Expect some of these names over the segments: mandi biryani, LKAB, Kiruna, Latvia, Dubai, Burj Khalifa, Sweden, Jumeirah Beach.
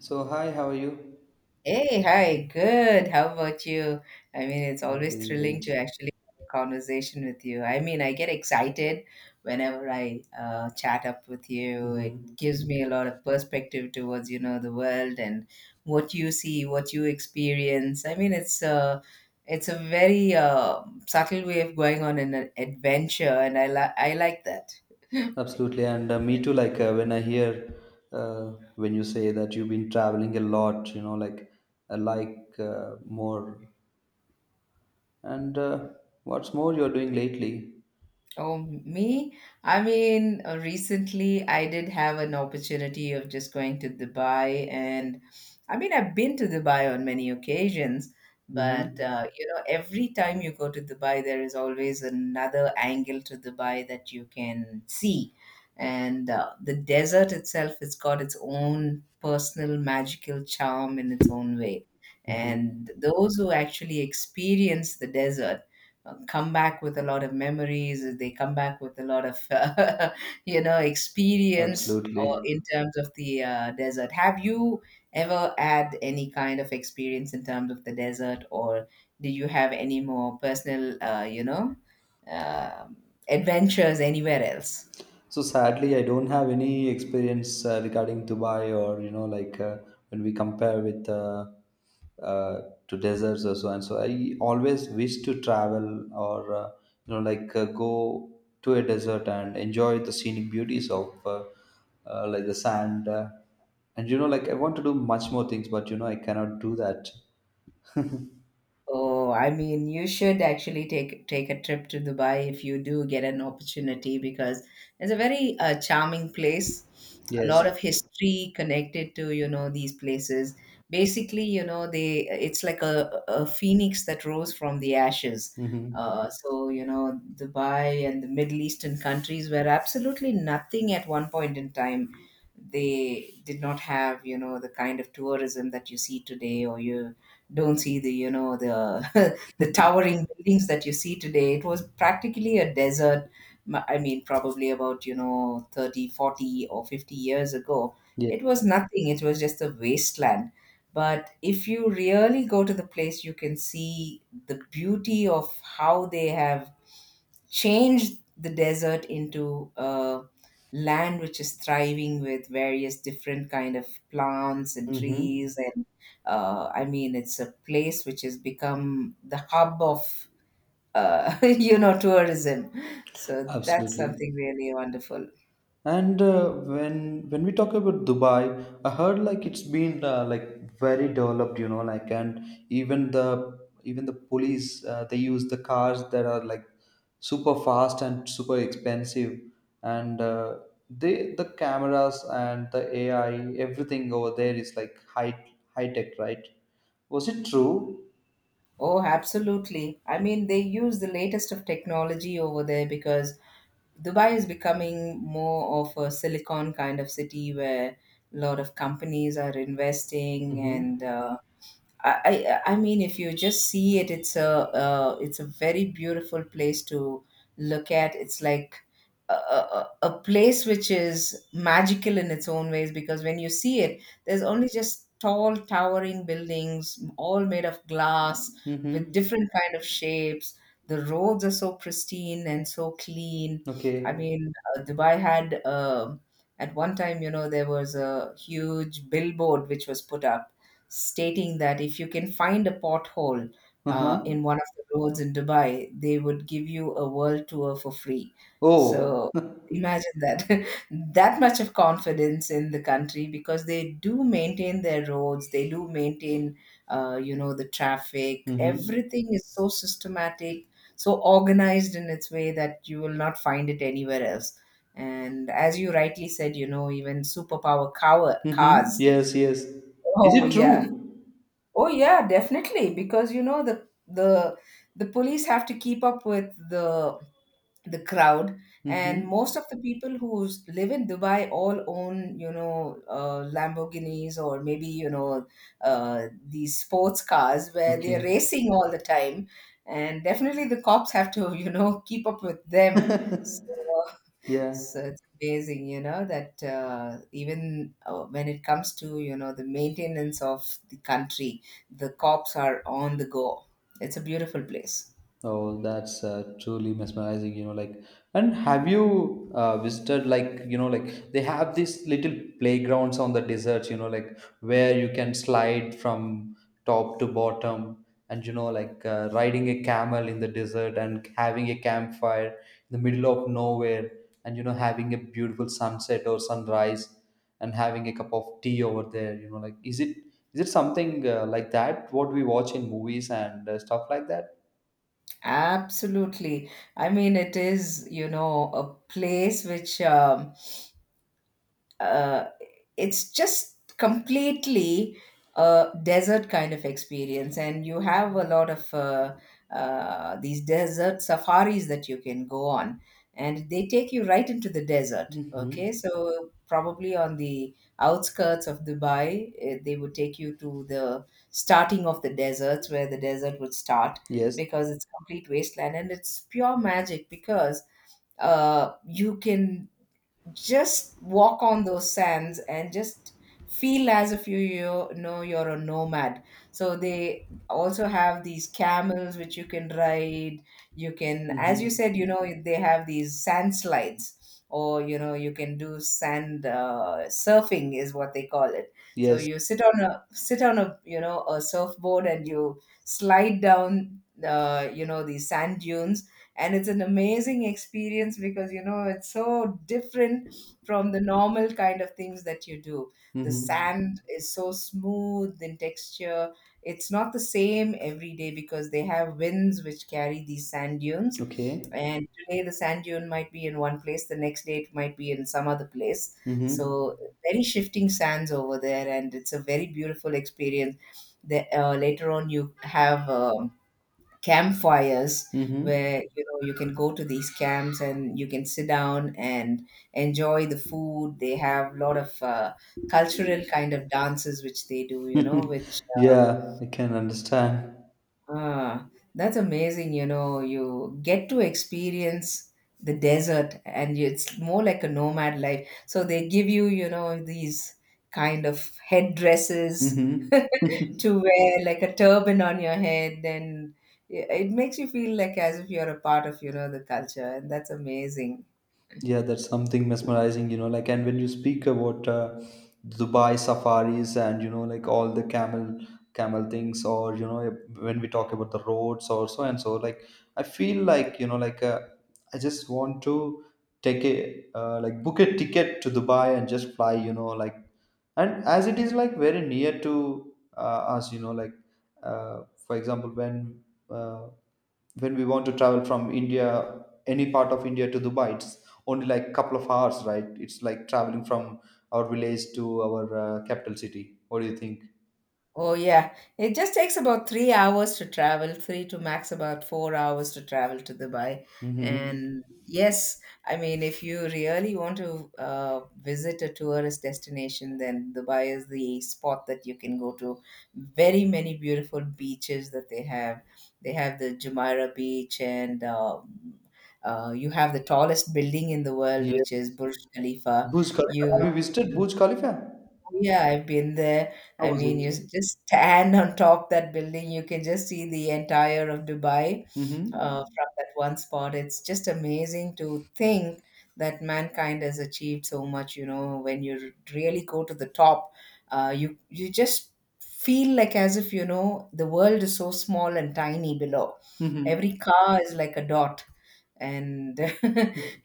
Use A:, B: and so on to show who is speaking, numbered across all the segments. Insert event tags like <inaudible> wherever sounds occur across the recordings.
A: So, hi, how are you?
B: Hey, hi, good. How about you? I mean, it's
A: I'm
B: always
A: doing
B: thrilling
A: great.
B: to actually have a conversation with you. I mean, I get excited whenever I chat up with you. It
A: Hmm.
B: gives me a lot of perspective towards, you know, the world and what you see, what you experience. I mean, it's a very subtle way of going on an adventure, and I like that. <laughs>
A: Absolutely. And me too, like when I hear when you say that you've been traveling a lot, you know, like I like more. And what's more you're doing lately?
B: Oh, me? I mean, recently I did have an opportunity of just going to Dubai, and I mean, I've been to Dubai on many occasions, but
A: Mm-hmm.
B: you know, every time you go to Dubai, there is always another angle to Dubai that you can see. And the desert itself, it's got its own personal magical charm in its own way.
A: Mm-hmm.
B: And those who actually experience the desert, come back with a lot of memories. They come back with a lot of <laughs> you know, experience,
A: Absolutely.
B: or in terms of the desert, have you ever had any kind of experience in terms of the desert, or do you have any more personal you know, um adventures anywhere else?
A: So sadly, I don't have any experience regarding Dubai, or you know like when we compare with uh, to deserts or so and so. I always wish to travel or you know like go to a desert and enjoy the scenic beauties of like the sand and you know like I want to do much more things, but you know I cannot do that.
B: Oh, I mean, you should actually take a trip to Dubai if you do get an opportunity, because it's a very charming place. A lot
A: Yes.
B: of history connected to, you know, these places. Basically, you know, they it's like a phoenix that rose from the ashes.
A: Mm-hmm.
B: So, you know, Dubai and the Middle Eastern countries were absolutely nothing at one point in time. They did not have, you know, the kind of tourism that you see today, or you don't see the, you know, the <laughs> the towering buildings that you see today. It was practically a desert. I mean probably about, you know, 30, 40, or 50 years ago,
A: Yeah.
B: it was nothing. It was just a wasteland. But if you really go to the place, you can see the beauty of how they have changed the desert into a land which is thriving with various different kind of plants and
A: Mm-hmm.
B: trees. And I mean, it's a place which has become the hub of <laughs> you know, tourism. So that's
A: Absolutely.
B: something really wonderful.
A: And when we talk about Dubai, I heard like it's been like very developed, you know, like, and even the police they use the cars that are like super fast and super expensive. And the cameras and the AI, everything over there is like high tech, right? Was it true?
B: Oh, absolutely. I mean, they use the latest of technology over there, because Dubai is becoming more of a silicon kind of city where a lot of companies are investing. And
A: Mm-hmm.
B: I mean, if you just see it, it's a very beautiful place to look at. It's like a place which is magical in its own ways, because when you see it, there's only just tall, towering buildings, all made of glass with
A: Mm-hmm.
B: different kind of shapes. The roads are so pristine and so clean. I
A: Okay.
B: mean, Dubai had at one time, you know, there was a huge billboard which was put up stating that if you can find a pothole
A: Uh-huh.
B: in one of the roads in Dubai, they would give you a world tour for free.
A: Oh.
B: So
A: <laughs>
B: imagine that, <laughs> that much of confidence in the country, because they do maintain their roads, they do maintain you know, the traffic.
A: Mm-hmm.
B: Everything is so systematic, so organized in its way that you will not find it anywhere else. And as you rightly said, you know, even superpower
A: Mm-hmm.
B: cars. <laughs>
A: Yes, yes. Is
B: Oh
A: it
B: yeah.
A: true?
B: Oh yeah, definitely, because you know the police have to keep up with the crowd. And
A: Mm-hmm.
B: most of the people who live in Dubai all own, you know, Lamborghinis, or maybe, you know, these sports cars where they're
A: Okay.
B: racing all the time. And definitely the cops have to <laughs> you know, keep up with them. So uh,
A: <laughs> Yeah.
B: so it's amazing, you know, that even when it comes to, you know, the maintenance of the country, the cops are on the go. It's a beautiful place.
A: Oh, that's truly mesmerizing, you know, like, and have you visited, like, you know, like they have these little playgrounds on the deserts, you know, like, where you can slide from top to bottom, and you know, like riding a camel in the desert and having a campfire in the middle of nowhere, and you know having a beautiful sunset or sunrise and having a cup of tea over there, you know, like, is it something like that what we watch in movies and stuff like that?
B: Absolutely. I mean, it is, you know, a place which uh, it's just completely a desert kind of experience. And you have a lot of these desert safaris that you can go on, and they take you right into the desert.
A: Mhm.
B: Okay, so probably on the outskirts of Dubai, they would take you to the starting of the deserts, where the desert would start,
A: Yes.
B: because it's complete wasteland, and it's pure magic. Because you can just walk on those sands and just feel as if you, you know, you're a nomad. So they also have these camels which you can ride. You can, as you
A: Mhm.
B: said, you know, they have these sand slides, or you know, you can do sand surfing, is what they call it. So
A: Yes.
B: you sit on a you know, a surfboard and you slide down you know, these sand dunes. And it's an amazing experience because, you know, it's so different from the normal kind of things that you do. The
A: Mhm.
B: sand is so smooth in texture. It's not the same every day, because they have winds which carry these sand dunes.
A: Okay.
B: And today the sand dune might be in one place, the next day it might be in some other place.
A: Mhm.
B: So very shifting sands over there, and it's a very beautiful experience. Later on, you have campfires
A: Mhm.
B: where, you know, you can go to these camps and you can sit down and enjoy the food. They have a lot of cultural kind of dances which they do, you know,
A: <laughs>
B: which
A: Yeah, I can understand.
B: uh, that's amazing. You know, you get to experience the desert. And it's more like a nomad life, so they give you, you know, these kind of headdresses
A: Mhm. <laughs>
B: to wear, like a turban on your head. And it makes you feel like as if you're a part of, you know, the culture, and that's amazing.
A: Yeah, that's something mesmerizing, you know, like, and when you speak about Dubai safaris and you know like all the camel things, or you know when we talk about the roads or so and so, like, I feel like, you know, like I just want to take a like book a ticket to Dubai and just fly, you know, like, and as it is like very near to us, you know, like for example, uh, when we want to travel from India, any part of India to Dubai, it's only like couple of hours, right? It's like traveling from our village to our capital city. What do you think?
B: Oh, yeah. It just takes about 3 hours to travel, three to max about 4 hours to travel to Dubai. And
A: Mm-hmm.
B: yes, I mean, if you really want to visit a tourist destination, then Dubai is the spot that you can go to. Very many beautiful beaches that they have. They have the Jumeirah Beach, and you have the tallest building in the world,
A: Yeah,
B: which is Burj Khalifa.
A: Burj Khalifa, have
B: You
A: you visited Burj Khalifa?
B: Yeah, I've been there.
A: How
B: I
A: was
B: mean, you
A: it?
B: just stand on top that building, you can just see the entire of Dubai
A: Mm-hmm.
B: from that one spot. It's just amazing to think that mankind has achieved so much. You know, when you really go to the top, you just feel like as if, you know, the world is so small and tiny below. Every
A: Mm-hmm.
B: car is like a dot, and <laughs>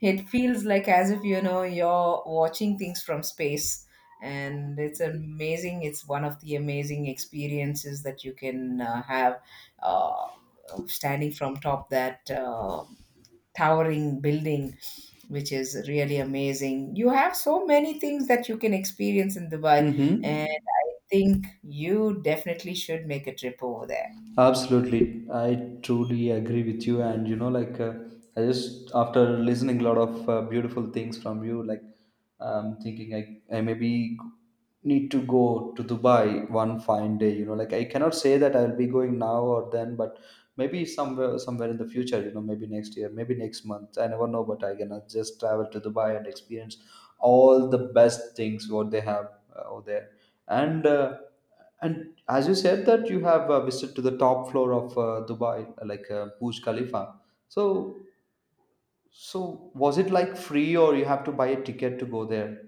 B: it feels like as if, you know, you're watching things from space. And it's amazing. It's one of the amazing experiences that you can have, uh, standing from top that towering building, which is really amazing. You have so many things that you can experience in Dubai. And
A: Mm-hmm.
B: I think you definitely should make a trip over there.
A: Absolutely, I truly agree with you. And you know, like I just, after listening a lot of beautiful things from you, like, I'm thinking I maybe need to go to Dubai one fine day. You know, like, I cannot say that I'll be going now or then, but maybe somewhere in the future. You know, maybe next year, maybe next month. I never know, but I can just travel to Dubai and experience all the best things what they have over there. And uh, and as you said that you have visited to the top floor of Dubai, like Burj Khalifa. So, so was it like free, or you have to buy a ticket to go there?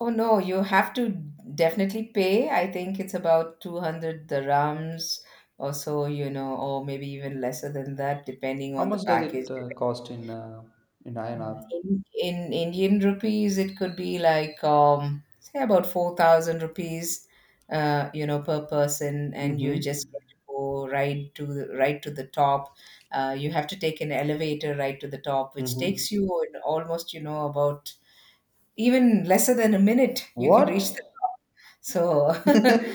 B: Oh no, you have to definitely pay. I think it's about 200 dirhams or so, you know, or maybe even lesser than that, depending
A: How
B: on the
A: much does
B: package.
A: it cost in INR?
B: In Indian rupees, it could be like, say, about 4,000 rupees, you know, per person. And you
A: Mm-hmm.
B: just get to go right to the top. You have to take an elevator right to the top, which
A: Mm-hmm.
B: takes you in almost, you know, about even lesser than a minute, you can
A: What?
B: reach the top. So <laughs>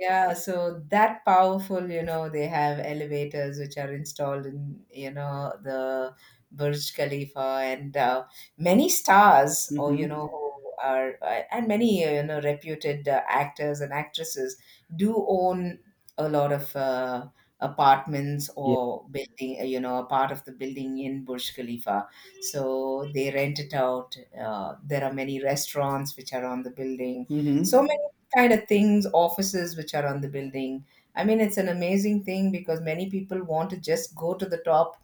B: yeah, so that powerful, you know, they have elevators which are installed in, you know, the Burj Khalifa. And many stars, or, you know,
A: Mm-hmm.
B: who are, and many, you know, reputed actors and actresses do own a lot of apartments
A: Yeah.
B: or building, you know, a part of the building in Burj Khalifa. So they rent it out. There are many restaurants which are on the building. So
A: Mm-hmm.
B: many kind of things, offices which are on the building. I mean, it's an amazing thing because many people want to just go to the top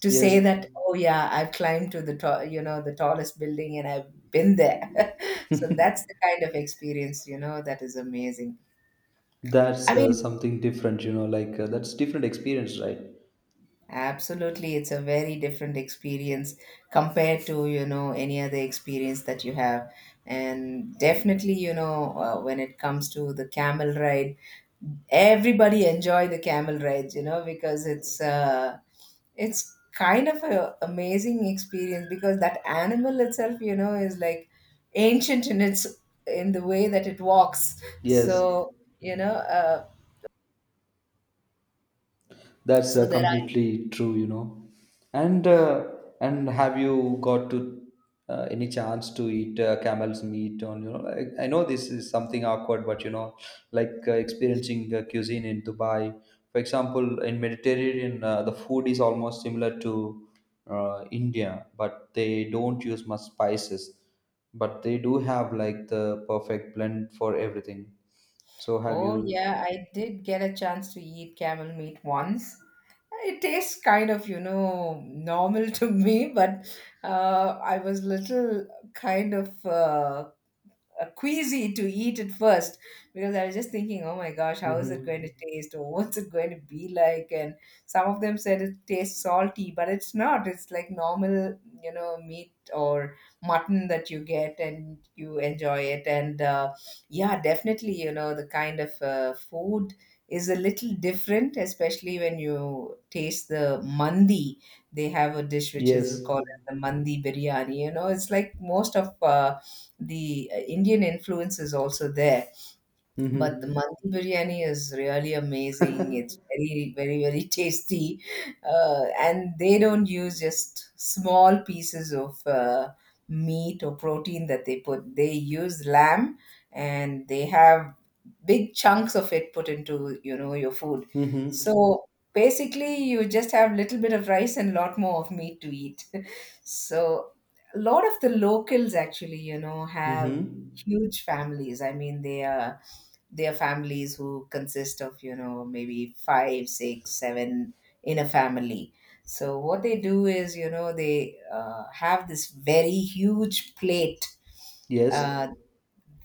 B: to
A: Yes,
B: say that, oh yeah, I've climbed to the top, you know, the tallest building and I've been there. <laughs> So that's the kind of experience, you know, that is amazing. I
A: that's
B: mean,
A: something different. You know, like that's different experience, right?
B: Absolutely, it's a very different experience compared to, you know, any other experience that you have. And definitely, you know, when it comes to the camel ride, everybody enjoy the camel rides, you know, because it's kind of a amazing experience, because that animal itself, you know, is like ancient in its, in the way that it walks.
A: Yes.
B: So you know,
A: That's
B: so there are
A: completely true, you know. And uh, and have you got to any chance to eat camel's meat on, you know? I know this is something awkward, but you know, like experiencing cuisine in Dubai, for example, in Mediterranean, the food is almost similar to India, but they don't use much spices, but they do have like the perfect blend for everything. So have
B: Oh,
A: you?
B: yeah, I did get a chance to eat camel meat once. It tastes kind of, you know, normal <laughs> to me, but I was little kind of queasy to eat it first because I was just thinking, oh my gosh, how is it going to
A: Hmm.
B: taste or <laughs> what's it going to be like? And some of them said it tastes salty, but it's not. It's like normal, you know, meat or mutton that you get and you enjoy it. And yeah, definitely, you know, the kind of food is a little different, especially when you taste the mandi. They have a dish which is
A: Yes.
B: called as the mandi biryani. You know, it's like most of the Indian influence is also there, but the
A: Mm-hmm.
B: Mandi biryani is really amazing. It's
A: <laughs>
B: very, very, very <laughs> tasty. And they don't use just small pieces of meat or protein that they put. They use lamb and they have big chunks of it put into, you know, your food.
A: Mm-hmm.
B: So basically you just have little bit of rice and lot more of meat to eat. <laughs> So a lot of the locals actually, you know, have
A: Mm-hmm.
B: huge families. I mean, they are their families who consist of, you know, maybe five six seven in a family. So what they do is, you know, they have this very huge plate.
A: Yes.
B: Uh,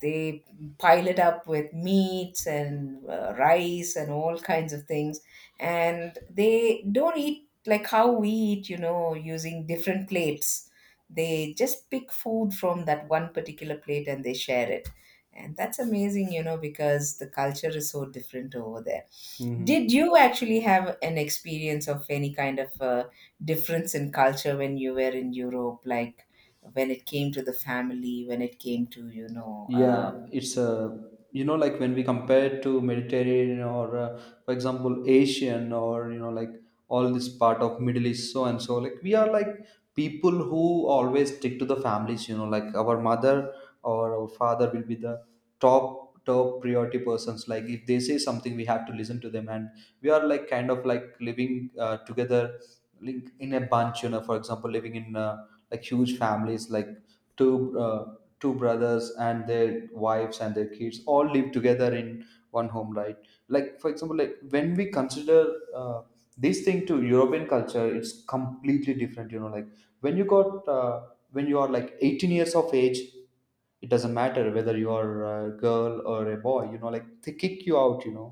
B: they pile it up with meats and rice and all kinds of things. And they don't eat like how we eat, you know, using different plates. They just pick food from that one particular plate and they share it. And that's amazing, you know, because the culture is so different over there.
A: Mm-hmm.
B: Did you actually have an experience of any kind of difference in culture when you were in Europe? Like when it came to the family, when it came to.
A: Yeah, it's a, you know, like, when we compare to Mediterranean or for example Asian, or you know like all this part of Middle East, so and so, like, we are like people who always stick to the families, you know, like our mother or our father will be the top priority persons. Like if they say something, we have to listen to them, and we are like kind of like living together, like in a bunch, you know. For example, living in like huge families, like two uh, two brothers and their wives and their kids all live together in one home, right? Like for example, like, when we consider uh, this thing to European culture, it's completely different, you know, like, when you got uh, when you are like 18 years of age, it doesn't matter whether you are a girl or a boy, you know, like, they kick you out, you know,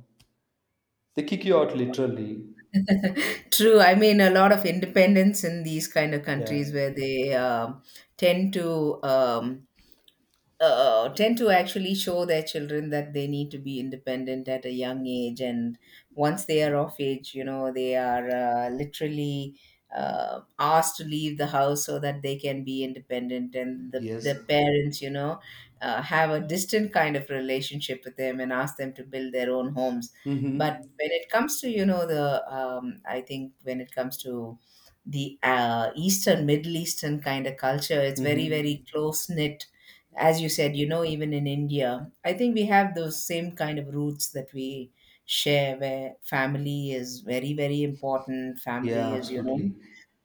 A: they kick you out, literally.
B: <laughs> True. I mean, a lot of independence in these kind of countries
A: Yeah.
B: where they tend to um, tend to actually show their children that they need to be independent at a young age. And once they are of age, you know, they are literally asked to leave the house so that they can be independent. And the,
A: Yes.
B: the parents, you know, have a distant kind of relationship with them and ask them to build their own homes. But
A: Mm-hmm.
B: when it comes to, I think when it comes to the Eastern, Middle Eastern kind of culture, it's very, very
A: Mm-hmm.
B: close knit, as you said, you know, even in India, I think we have those same kind of roots that we share, where family is very, very important.
A: Yeah,
B: Family is, you know,
A: absolutely.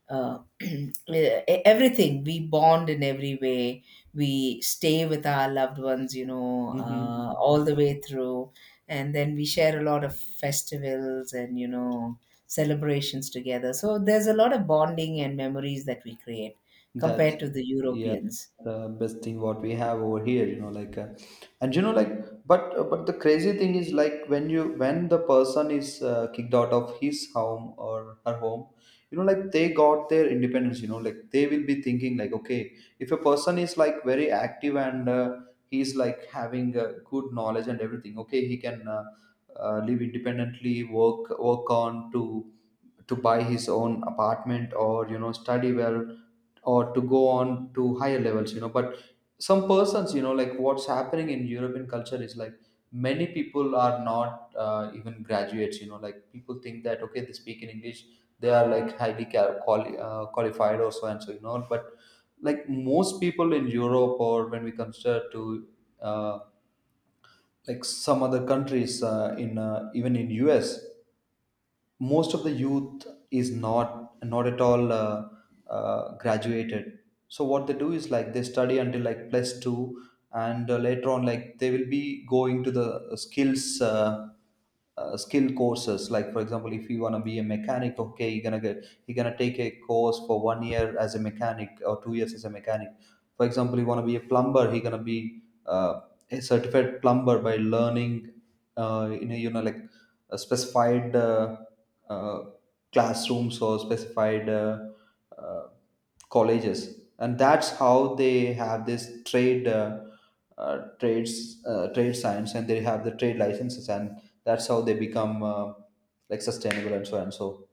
B: uh, <clears throat> everything. We bond in every way. We stay with our loved ones,
A: Mm-hmm.
B: all the way through. And then we share a lot of festivals and celebrations together. So there's a lot of bonding and memories that we create,
A: That's,
B: compared to the
A: yeah,
B: Europeans.
A: the best thing what we have over here, you know, like, and you know, like, but the crazy thing is, like, when the person is kicked out of his home or her home, you know, like, they got their independence, you know, like, they will be thinking like, okay, if a person is like very active and he's like having good knowledge and everything, okay, he can live independently, work on to buy his own apartment, or you know, study well, or to go on to higher levels, you know. But some persons, you know, like, what's happening in European culture is like, many people are not even graduates, you know, like, people think that, okay, they speak in English, they are like highly qualified, or so and so, you know, but like most people in Europe, or when we consider to uh, like some other countries in even in US, most of the youth is not at all graduated. So what they do is like, they study until like plus 2, and later on, like, they will be going to the skills skill courses. Like, for example, if you want to be a mechanic, okay, you're gonna take a course for 1 year as a mechanic, or 2 years as a mechanic. For example, you want to be a plumber, you gonna be a certified plumber by learning you know, you know, like a specified uh, classrooms, or specified uh, colleges. And that's how they have this trade trade science, and they have the trade licenses, and that's how they become like sustainable and so on, so.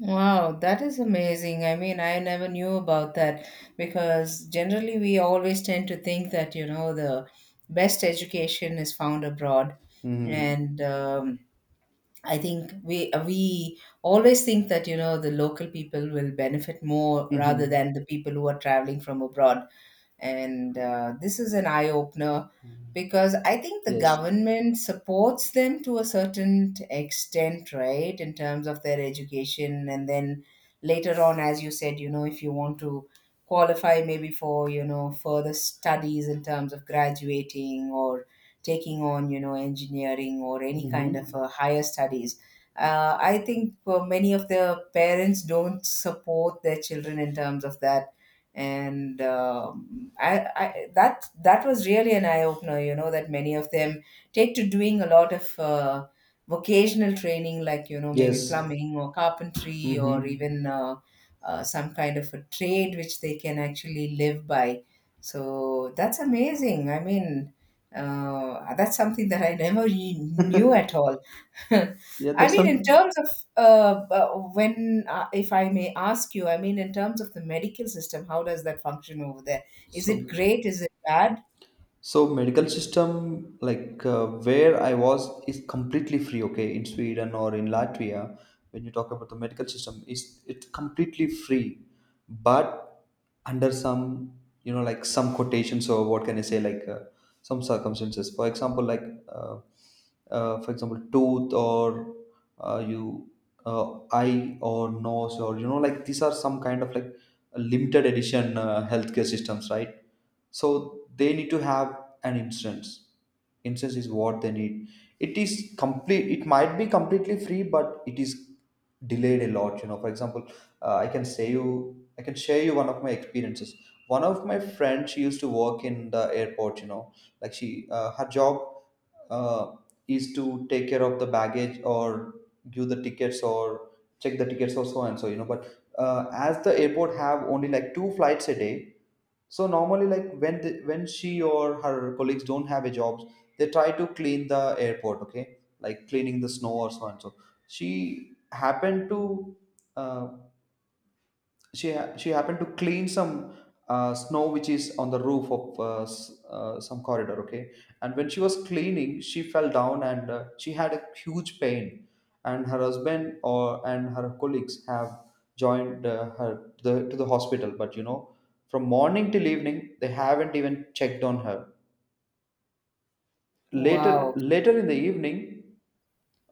B: Wow, that is amazing. I mean, I never knew about that, because generally we always tend to think that, the best education is found abroad.
A: Mm-hmm.
B: And I think we always think that the local people will benefit more, rather
A: Mm-hmm.
B: than the people who are traveling from abroad, and this is an eye opener, because I think the
A: Yes.
B: government supports them to a certain extent, right, in terms of their education, and then later on, as you said, you know, if you want to qualify maybe for further studies in terms of graduating or taking on engineering or any kind of
A: Mm-hmm.
B: higher studies. I think many of the parents don't support their children in terms of that. And um, I, I that was really an eye opener, that many of them take to doing a lot of vocational training, like maybe
A: Yes.
B: plumbing or carpentry or
A: Mm-hmm.
B: even some kind of a trade which they can actually live by. So that's amazing. I mean, that's something that I never really knew at all.
A: Yeah,
B: <laughs> I
A: that's
B: mean,
A: some.
B: in terms of uh, uh, if I may ask you, I mean, in terms of the medical system, how does that function over there? Is it
A: So,
B: great? Is it bad?
A: so medical system, like where I was, is completely free. Okay, in Sweden or in Latvia, when you talk about the medical system, is it's completely free, but under some, you know, like, some quotations, or what can I say, like some circumstances for example, like for example, tooth, or you eye or nose, or you know, like, these are some kind of like limited edition healthcare systems, right? So they need to have an instance is what they need. It is complete, it might be completely free, but it is delayed a lot, you know. For example, I can say you, I can share you one of my experiences. One of my friends, she used to work in the airport, you know, like, she her job uh, is to take care of the baggage, or give the tickets, or check the tickets, or so and so, you know. But as the airport have only like two flights a day, so normally, like, when she or her colleagues don't have a job, they try to clean the airport. Okay, like cleaning the snow or so and so. She happened to uh, she she happened to clean some snow which is on the roof of some corridor, okay. And when she was cleaning, she fell down, and she had a huge pain. And her husband, or and her colleagues have joined her to the hospital, but you know, from morning till evening, they haven't even checked on her. Later,
B: Wow.
A: in the evening,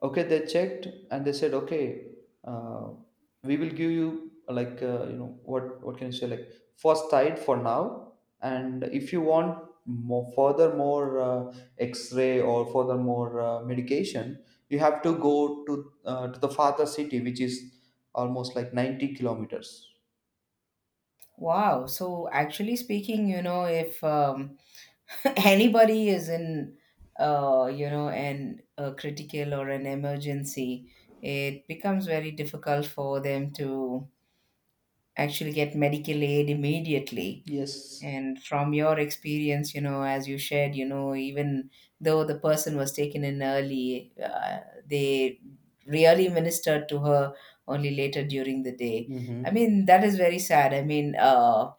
A: okay, they checked, and they said, okay, uh, we will give you like you know, what can you say, like, first tide for now, and if you want more, further more x-ray, or further more medication, you have to go to the farther city, which is almost like 90 kilometers.
B: Wow. So, actually speaking, you know, if <laughs> anybody is in, you know, an a critical or an emergency, it becomes very difficult for them to actually get medical aid immediately.
A: Yes.
B: And from your experience, as you shared, even though the person was taken in early, they really ministered to her only later during the day. I
A: Mm-hmm.
B: mean, that is very sad. I mean,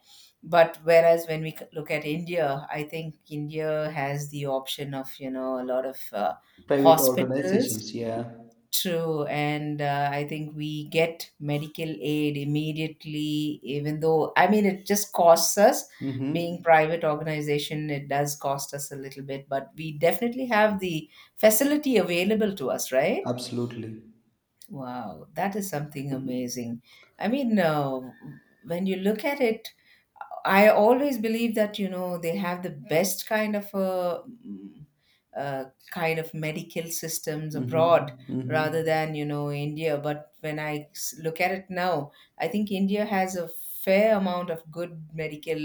B: but whereas when we look at India, I think India has the option of, you know, a lot of
A: Private
B: hospitals.
A: organizations, yeah.
B: True, and I think we get medical aid immediately, even though I mean it just costs us. Being
A: Mm-hmm.
B: private organization, it does cost us a little bit, but we definitely have the facility available to us, right?
A: Absolutely.
B: Wow, that is something amazing. I mean, when you look at it, I always believe that they have the best uh kind of medical systems
A: Mm-hmm.
B: abroad,
A: Mm-hmm.
B: rather than India. But when I look at it now, I think India has a fair amount of good medical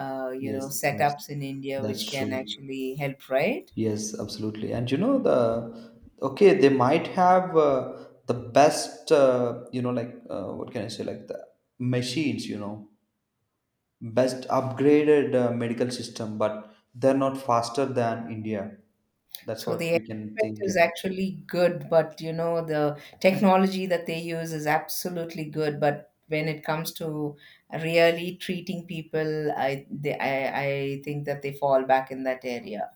A: Yes, that's
B: setups in India which
A: that's
B: can
A: true.
B: actually help, right?
A: Yes, absolutely. And you know the okay, they might have the best like what can I say, like the machines, you know, best upgraded medical system, but they're not faster than India. That's
B: So the
A: what we can
B: equipment
A: think, you
B: is
A: know.
B: actually good, but the technology that they use is absolutely good. But when it comes to really treating people, I think that they fall back in that area.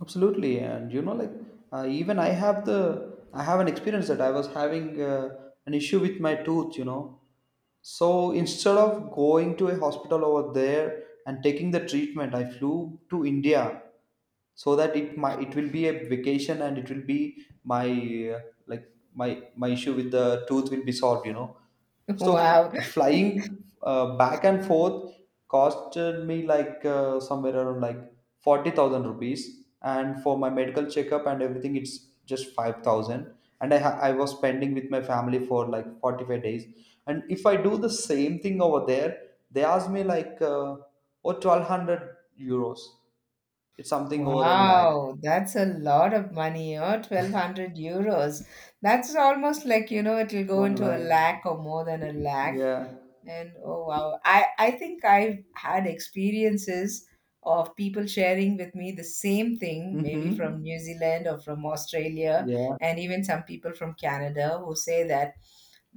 A: Absolutely, and like even I have an experience that I was having an issue with my tooth. So instead of going to a hospital over there and taking the treatment, I flew to India, so that it my it will be a vacation, and it will be my uh, like my issue with the tooth will be solved. You know,
B: <laughs>
A: so
B: Wow.
A: f- flying back and forth costed me like somewhere around like 40,000 rupees. And for my medical checkup and everything, it's just 5,000. And I was spending with my family for like 45 days. And if I do the same thing over there, they ask me like, oh, 1200 euros. It's something over a lakh.
B: Wow, that's a lot of money, oh, 1200 euros. That's almost like, it'll go
A: One
B: into a
A: lakh.
B: lakh or more than a lakh.
A: Yeah.
B: And oh wow, I think I've had experiences of people sharing with me the same thing, maybe
A: Mm-hmm.
B: from New Zealand or from Australia, and even some people from Canada who say that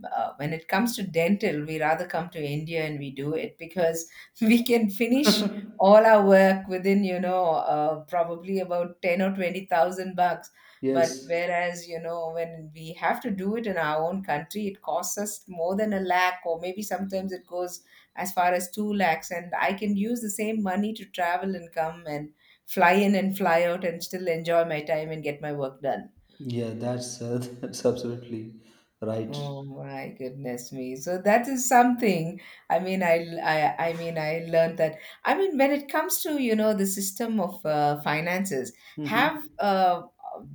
B: when it comes to dental, we rather come to India and we do it because <laughs> we can finish
A: Yeah.
B: all our work within probably about 10 or 20,000 bucks.
A: <laughs>
B: But
A: Yes.
B: whereas, you know, when we have to do it in our own country, it costs us more than a lakh, or maybe sometimes it goes as far as two lakhs. And I can use the same money to travel and come and fly in and fly out and still enjoy my time and get my work done.
A: Yeah, that's <laughs> that's absolutely right.
B: Oh my goodness me. So that is something. I mean, I learned that. I mean, when it comes to, the system of finances,
A: Hmm.
B: have, uh,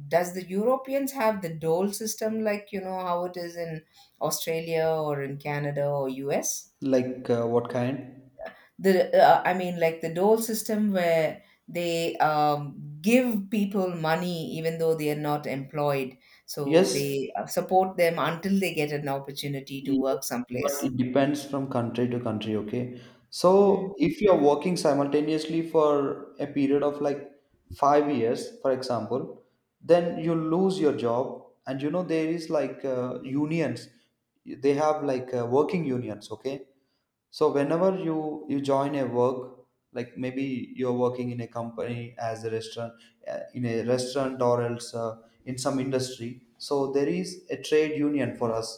B: does the Europeans have the dole system, like, how it is in Australia or in Canada or US?
A: Like what kind?
B: The I mean, like the dole system where they give people money even though they are not employed, so
A: Yes,
B: they support them until they get an opportunity to
A: yes,
B: work
A: but
B: someplace.
A: it depends from country to country. Okay,
B: Mm.
A: so if you are working simultaneously for a period of like 5 years, for example, then you lose your job, and there is like unions. They have like working unions. Okay, so whenever you join a work, like maybe you're working in a company, as a restaurant in a restaurant or else in some industry, so there is a trade union for us,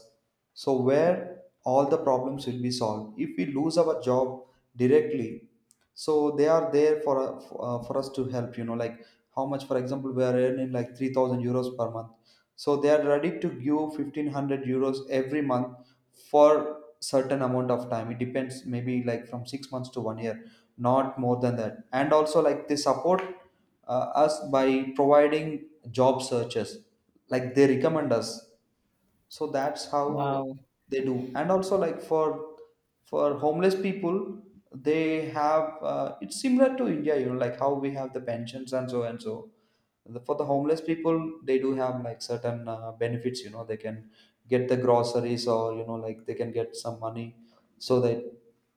A: so where all the problems will be solved if we lose our job directly. So they are there for us to help, like how much, for example, we are earning like 3,000 euros per month, so they are ready to give 1,500 euros every month for certain amount of time. It depends, maybe like from 6 months to 1 year, not more than that. And also, like, they support us by providing job searches, like they recommend us, so that's how
B: Wow.
A: they do. And also, like, for homeless people, they have it's similar to India, like how we have the pensions and so and so, for the homeless people, they do have like certain benefits. They can get the groceries, or like they can get some money, so that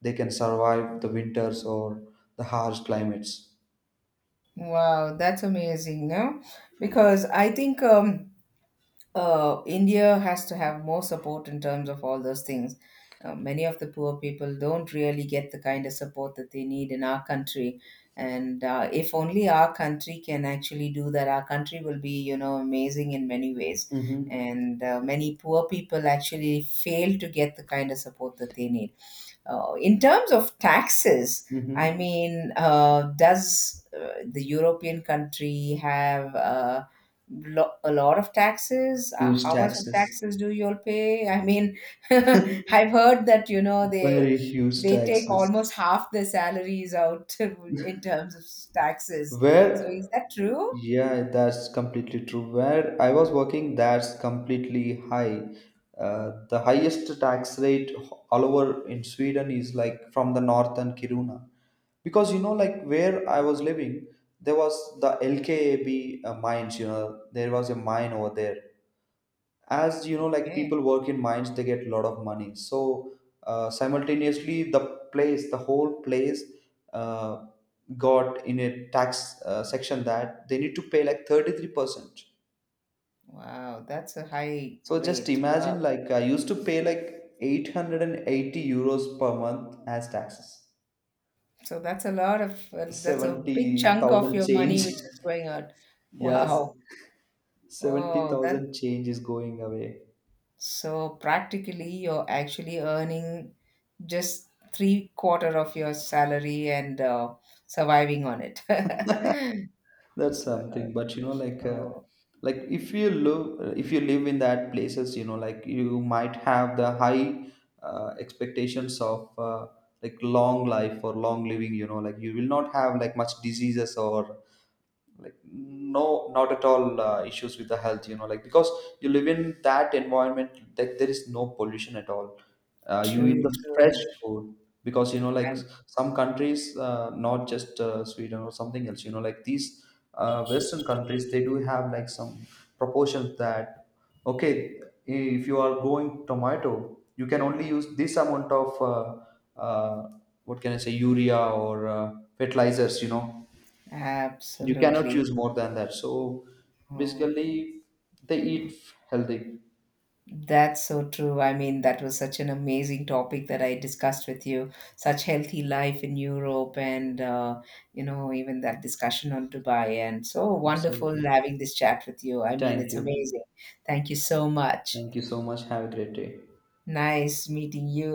A: they can survive the winters or the harsh climates.
B: Wow, that's amazing. No, because I think India has to have more support in terms of all those things. Many of the poor people don't really get the kind of support that they need in our country. And if only our country can actually do that, our country will be amazing in many ways.
A: Mm-hmm.
B: And many poor people actually fail to get the kind of support that they need. In terms of taxes, I
A: Mm-hmm.
B: mean, does the European country have a lot of taxes?
A: Huge
B: How much of
A: taxes.
B: taxes do you all pay? I mean, <laughs> I've heard that you know they
A: Very huge
B: they take
A: taxes.
B: almost half their salaries out <laughs> in terms of taxes. So is
A: Where,
B: that true?
A: yeah, that's completely true. Where I was working, that's completely high. The highest tax rate all over in Sweden is like from the north and Kiruna. Because like, where I was living, there was the LKAB mines, there was a mine over there. As you know, like,
B: Okay.
A: people work in mines, they get a lot of money, so simultaneously, the whole place uh, got in a tax section, that they need to pay like 33%.
B: Wow, that's a high
A: So just
B: rate. Wow.
A: imagine, like, I used to pay like 880 euros per month as taxes.
B: So that's a lot of that's a big chunk of
A: 70,000
B: your money
A: change.
B: which is going out.
A: <laughs> Yes.
B: Wow. Oh, that
A: 70,000 change is going away.
B: so practically you're actually earning just three quarter of your salary and surviving on it. <laughs>
A: That's
B: So,
A: something, but like
B: oh,
A: like, if you live, in that places, like, you might have the high expectations of like long life or long living. Like, you will not have like much diseases, or like no, not at all issues with the health, like, because you live in that environment that there is no pollution at all. You eat
B: true,
A: the fresh
B: true.
A: food, because like,
B: And
A: some countries, not just Sweden or something else, like these western countries, they do have like some proportions that, okay, if you are growing tomato, you can only use this amount of uh, what can I say, urea or fertilizers, you cannot
B: absolutely.
A: choose more than that, so
B: Oh.
A: basically, they eat healthy.
B: That's so true. I mean, that was such an amazing topic that I discussed with you. Such healthy life in Europe, and you know, even that discussion on Dubai, and so wonderful
A: Absolutely.
B: having this chat with you. I mean,
A: Thank
B: it's
A: you.
B: amazing. Thank you so much.
A: Thank you so much. Have a great day.
B: Nice meeting you.